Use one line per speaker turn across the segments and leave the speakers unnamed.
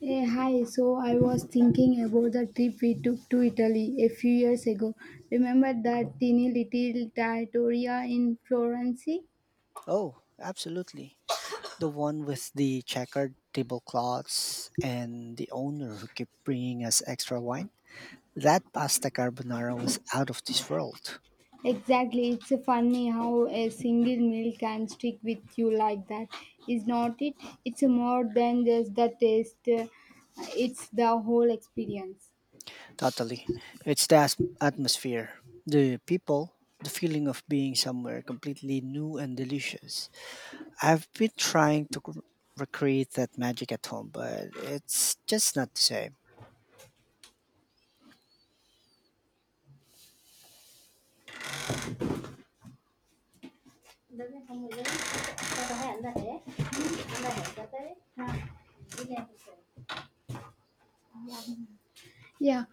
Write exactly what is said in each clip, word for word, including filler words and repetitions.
Hey, hi. So I was thinking about the trip we took to Italy a few years ago. Remember that teeny little trattoria in Florence?
Oh, absolutely. The one with the checkered tablecloths and the owner who kept bringing us extra wine. That pasta carbonara was out of this world.
Exactly. It's funny how a single meal can stick with you like that, is not it? It's more than just the taste. It's the whole experience.
Totally. It's the as- atmosphere, the people, the feeling of being somewhere completely new and delicious. I've been trying to cr- recreate that magic at home, but it's just not the same.
Yeah.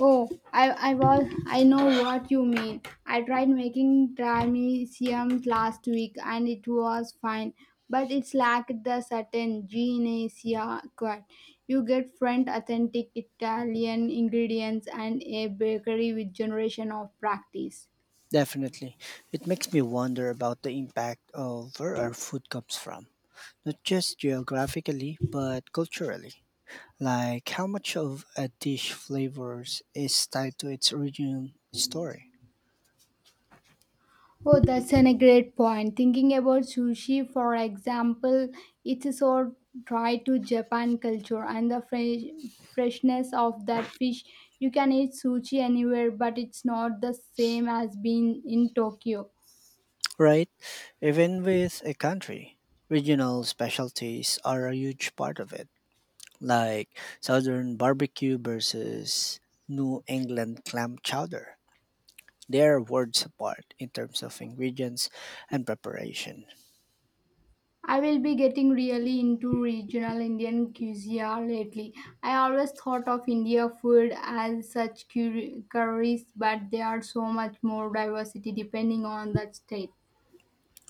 Oh, I I was I know what you mean. I tried making Trimezium last week and it was fine, but it's lacked the certain Genesia quite. You get French authentic Italian ingredients and a bakery with generation of practice.
Definitely. It makes me wonder about the impact of where our food comes from, not just geographically, but culturally. Like how much of a dish flavors is tied to its origin story,
Oh, that's an, a great point. Thinking about sushi, for example, it's so tied to Japan culture and the fresh, freshness of that fish. You can eat sushi anywhere, but it's not the same as being in Tokyo.
right? Even with a country, regional specialties are a huge part of it, like southern barbecue versus New England clam chowder. They are worlds apart in terms of ingredients and preparation.
I will be getting really into regional Indian cuisine lately. I always thought of India food as such curi- curries, but there are so much more diversity depending on the state.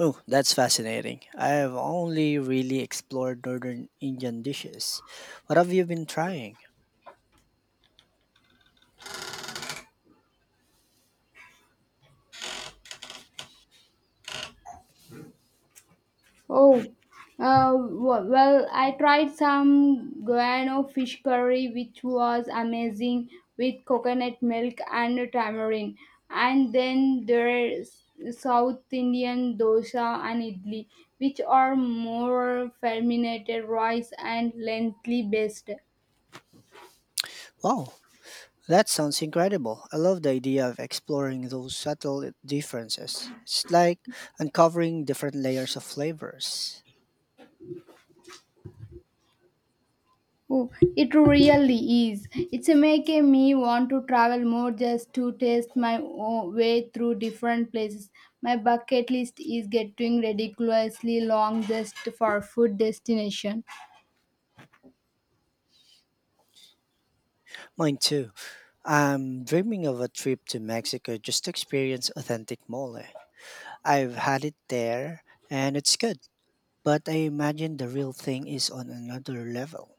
Oh, that's fascinating. I have only really explored northern Indian dishes. What have you been trying?
Oh, uh, w- well, I tried some guano fish curry, which was amazing with coconut milk and tamarind. And then there's South Indian dosa and idli, which are more fermented rice and lengthy based.
Wow, that sounds incredible. I love the idea of exploring those subtle differences. It's like uncovering different layers of flavors.
Oh, it really is. It's making me want to travel more just to taste my o- way through different places. My bucket list is getting ridiculously long just for food destination.
Mine too. I'm dreaming of a trip to Mexico just to experience authentic mole. I've had it there and it's good, but I imagine the real thing is on another level.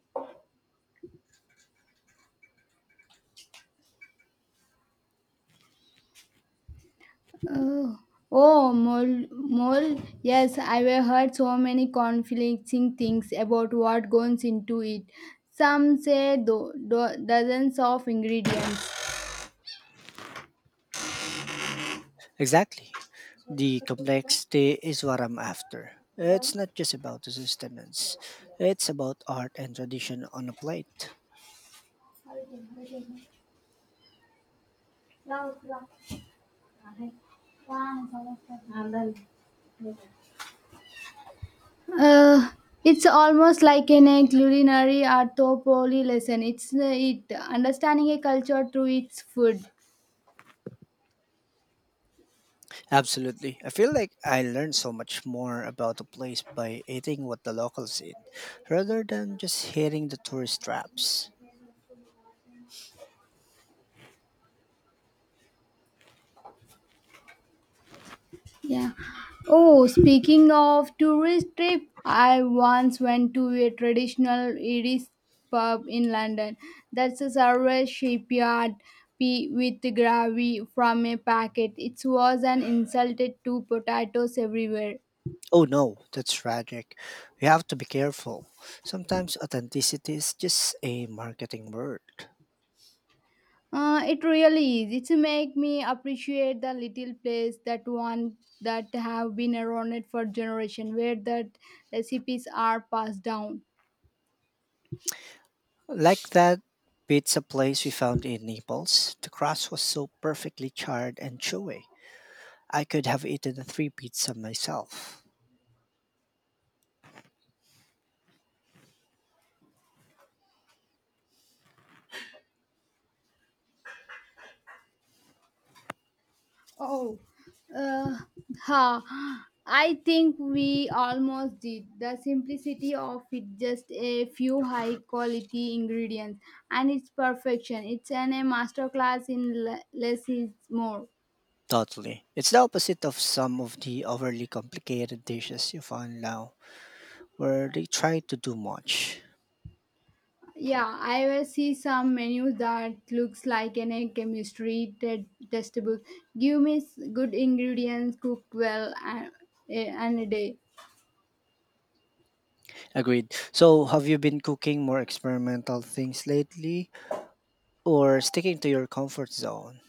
Oh, oh, mole, mole. Yes, I've heard so many conflicting things about what goes into it. Some say do, do, dozens of ingredients.
Exactly. The complexity is what I'm after. It's not just about sustenance, it's about art and tradition on a plate.
Uh, it's almost like in a culinary anthropology lesson. It's uh, it understanding a culture through its food.
Absolutely. I feel like I learned so much more about a place by eating what the locals eat rather than just hitting the tourist traps.
Yeah. Oh, speaking of tourist trip, I once went to a traditional Irish pub in London. That's a service shipyard pea with gravy from a packet. It was an insulted to potatoes everywhere.
Oh no, that's tragic. We have to be careful. Sometimes authenticity is just a marketing word.
Uh, it really is. It's make me appreciate the little place that one that have been around it for generation, where that recipes are passed down.
Like that pizza place we found in Naples, the crust was so perfectly charred and chewy. I could have eaten three pizza myself.
Oh, uh, Ha! I think we almost did. The simplicity of it, just a few high quality ingredients, and its perfection. It's an, a masterclass in le- less is more.
Totally. It's the opposite of some of the overly complicated dishes you find now, where they try to do much.
Yeah, I will see some menu that looks like an egg chemistry te- testable. Give me s- good ingredients, cook well, and, eh, and a day.
Agreed. So, have you been cooking more experimental things lately, or sticking to your comfort zone?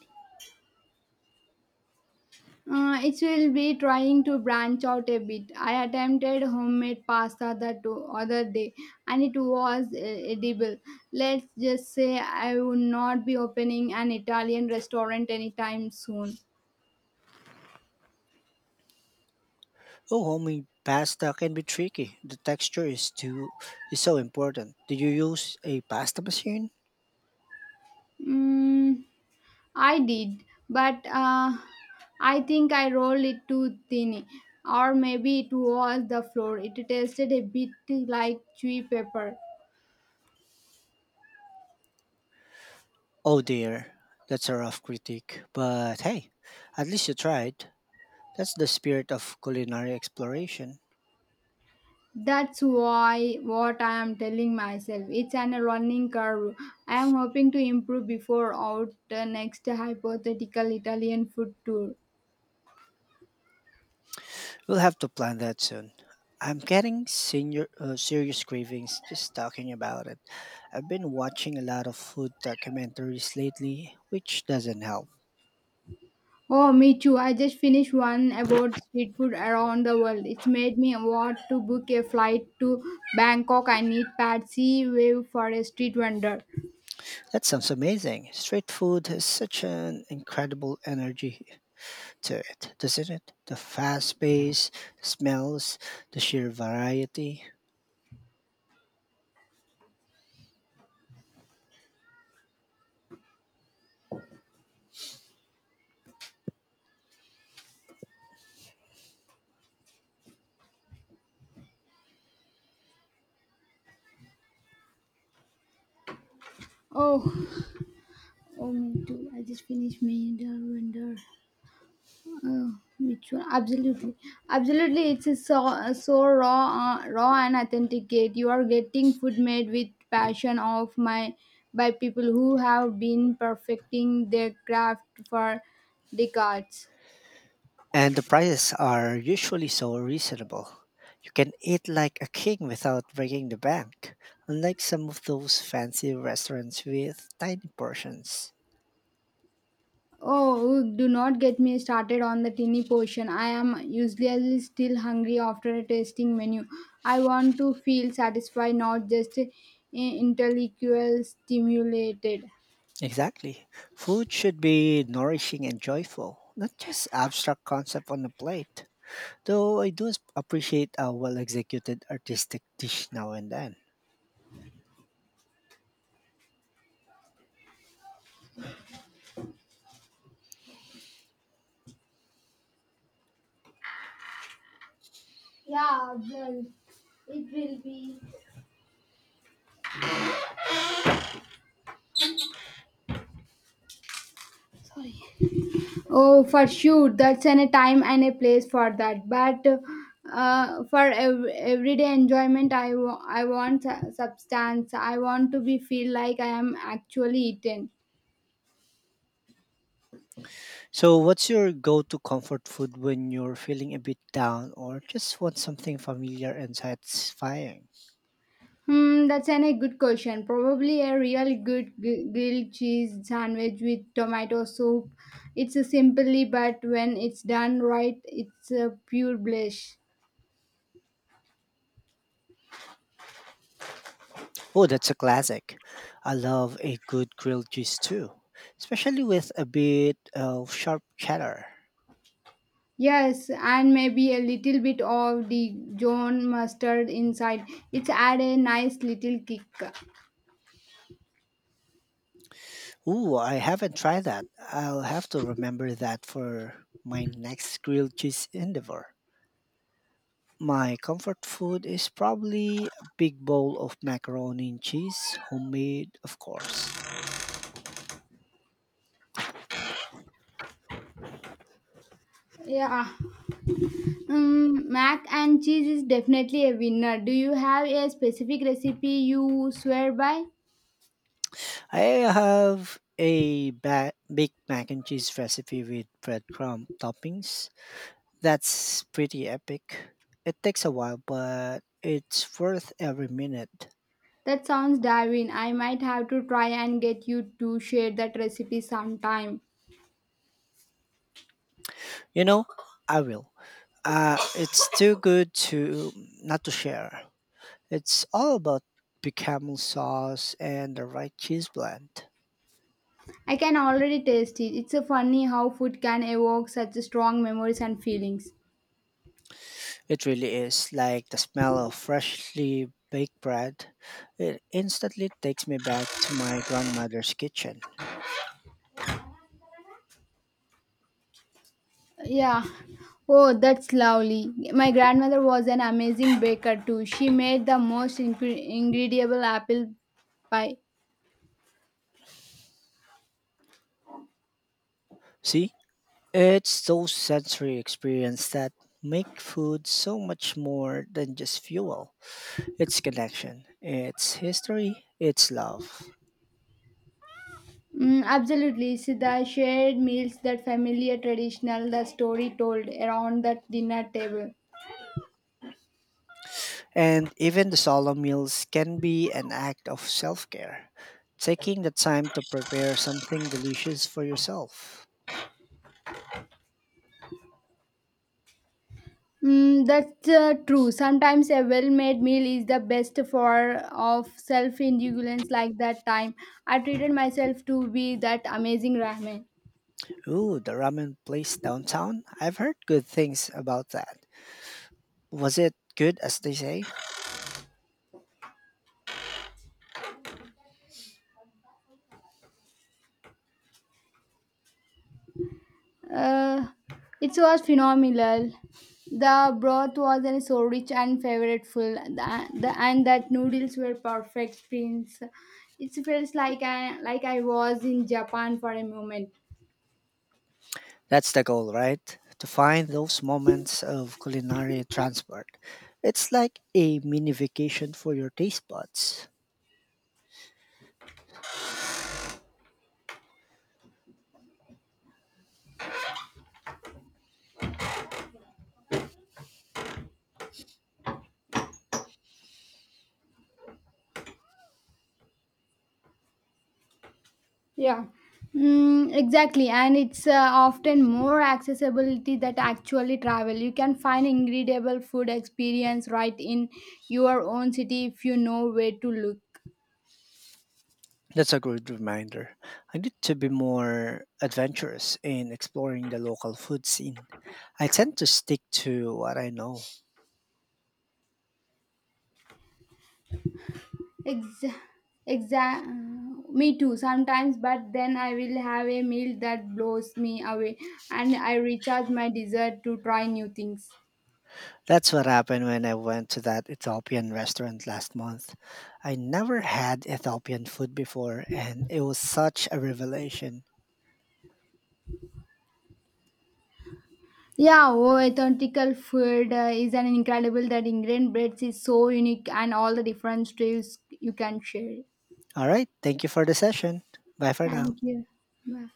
Uh, it will be trying to branch out a bit. I attempted homemade pasta the to- other day, and it was uh, edible. Let's just say I will not be opening an Italian restaurant anytime soon.
Oh, homemade pasta can be tricky. The texture is too is so important. Do you use a pasta machine?
Mm. I did, but uh, I think I rolled it too thin, or maybe it was the flour. It tasted a bit like chewy pepper.
Oh dear, that's a rough critique. But hey, at least you tried. That's the spirit of culinary exploration.
That's why what I am telling myself. It's an running curve. I am hoping to improve before out the next hypothetical Italian food tour.
We'll have to plan that soon. I'm getting senior, uh, serious cravings just talking about it. I've been watching a lot of food documentaries lately, which doesn't help.
Oh, me too. I just finished one about street food around the world. It's made me want to book a flight to Bangkok. I need Patsy Wave for a street vendor.
That sounds amazing. Street food has such an incredible energy to it, doesn't it? The fast pace, the smells, the sheer variety.
Oh, oh, Me too. I just finished me the vendor. Oh, me too. Absolutely, absolutely. It's a so uh, so raw, uh, raw and authenticate. You are getting food made with passion of my by people who have been perfecting their craft for decades.
And the prices are usually so reasonable. You can eat like a king without breaking the bank, unlike some of those fancy restaurants with tiny portions.
Oh, do not get me started on the tinny portion. I am usually still hungry after a tasting menu. I want to feel satisfied, not just eh, intellectual stimulated.
Exactly. Food should be nourishing and joyful, not just abstract concept on a plate. Though I do s- appreciate a well executed artistic dish now and then.
Oh, for sure, that's an, a time and a place for that. But uh, for ev- everyday enjoyment, I wa- I want su- substance. I want to be feel like I am actually eaten.
So, what's your go to comfort food when you're feeling a bit down or just want something familiar and satisfying?
Hmm, that's an, a good question. Probably a real good gr- grilled cheese sandwich with tomato soup. It's a simply, but when it's done right, it's a pure bliss.
Oh, that's a classic. I love a good grilled cheese too, especially with a bit of sharp cheddar.
Yes, and maybe a little bit of the John mustard inside. It's add a nice little kick.
Ooh, I haven't tried that. I'll have to remember that for my next grilled cheese endeavor. My comfort food is probably a big bowl of macaroni and cheese, homemade, of course.
Yeah, um, Mac and cheese is definitely a winner. Do you have a specific recipe you swear by?
I have a ba- baked mac and cheese recipe with breadcrumb toppings. That's pretty epic. It takes a while, but it's worth every minute.
That sounds divine. I might have to try and get you to share that recipe sometime.
You know, I will. Uh, it's too good to not to share. It's all about bechamel sauce and the right cheese blend.
I can already taste it. It's a funny how food can evoke such strong memories and feelings.
It really is like the smell of freshly baked bread. It instantly takes me back to my grandmother's kitchen.
Yeah. Oh, that's lovely. My grandmother was an amazing baker too. She made the most incre- incredible apple pie.
See, it's those sensory experience that make food so much more than just fuel. Its connection, its history, its love.
Mm, absolutely. It's the shared meals, that familiar traditional, the story told around that dinner table.
And even the solemn meals can be an act of self care, taking the time to prepare something delicious for yourself.
Mm, that's uh, True. Sometimes a well-made meal is the best for of self-indulgence. Like that time, I treated myself to be that amazing ramen.
Ooh, the ramen place downtown? I've heard good things about that. Was it good as they say?
Uh, it was phenomenal. The broth was uh, so rich and flavorful, the, the, and that noodles were perfect. Prince, it felt like I like I was in Japan for a moment.
That's the goal, right? To find those moments of culinary transport. It's like a mini vacation for your taste buds.
Yeah, mm, exactly. And it's uh, often more accessibility that actually travel. You can find incredible food experience right in your own city if you know where to look.
That's a good reminder. I need to be more adventurous in exploring the local food scene. I tend to stick to what I know.
Ex- exa- Me too sometimes, but then I will have a meal that blows me away and I recharge my desire to try new things.
That's what happened when I went to that Ethiopian restaurant last month. I never had Ethiopian food before, and it was such a revelation.
Yeah, oh, authentical food uh, is an incredible that ingredient breads is so unique and all the different styles you can share.
All right, thank you for the session. Bye for now.
Thank you. Bye.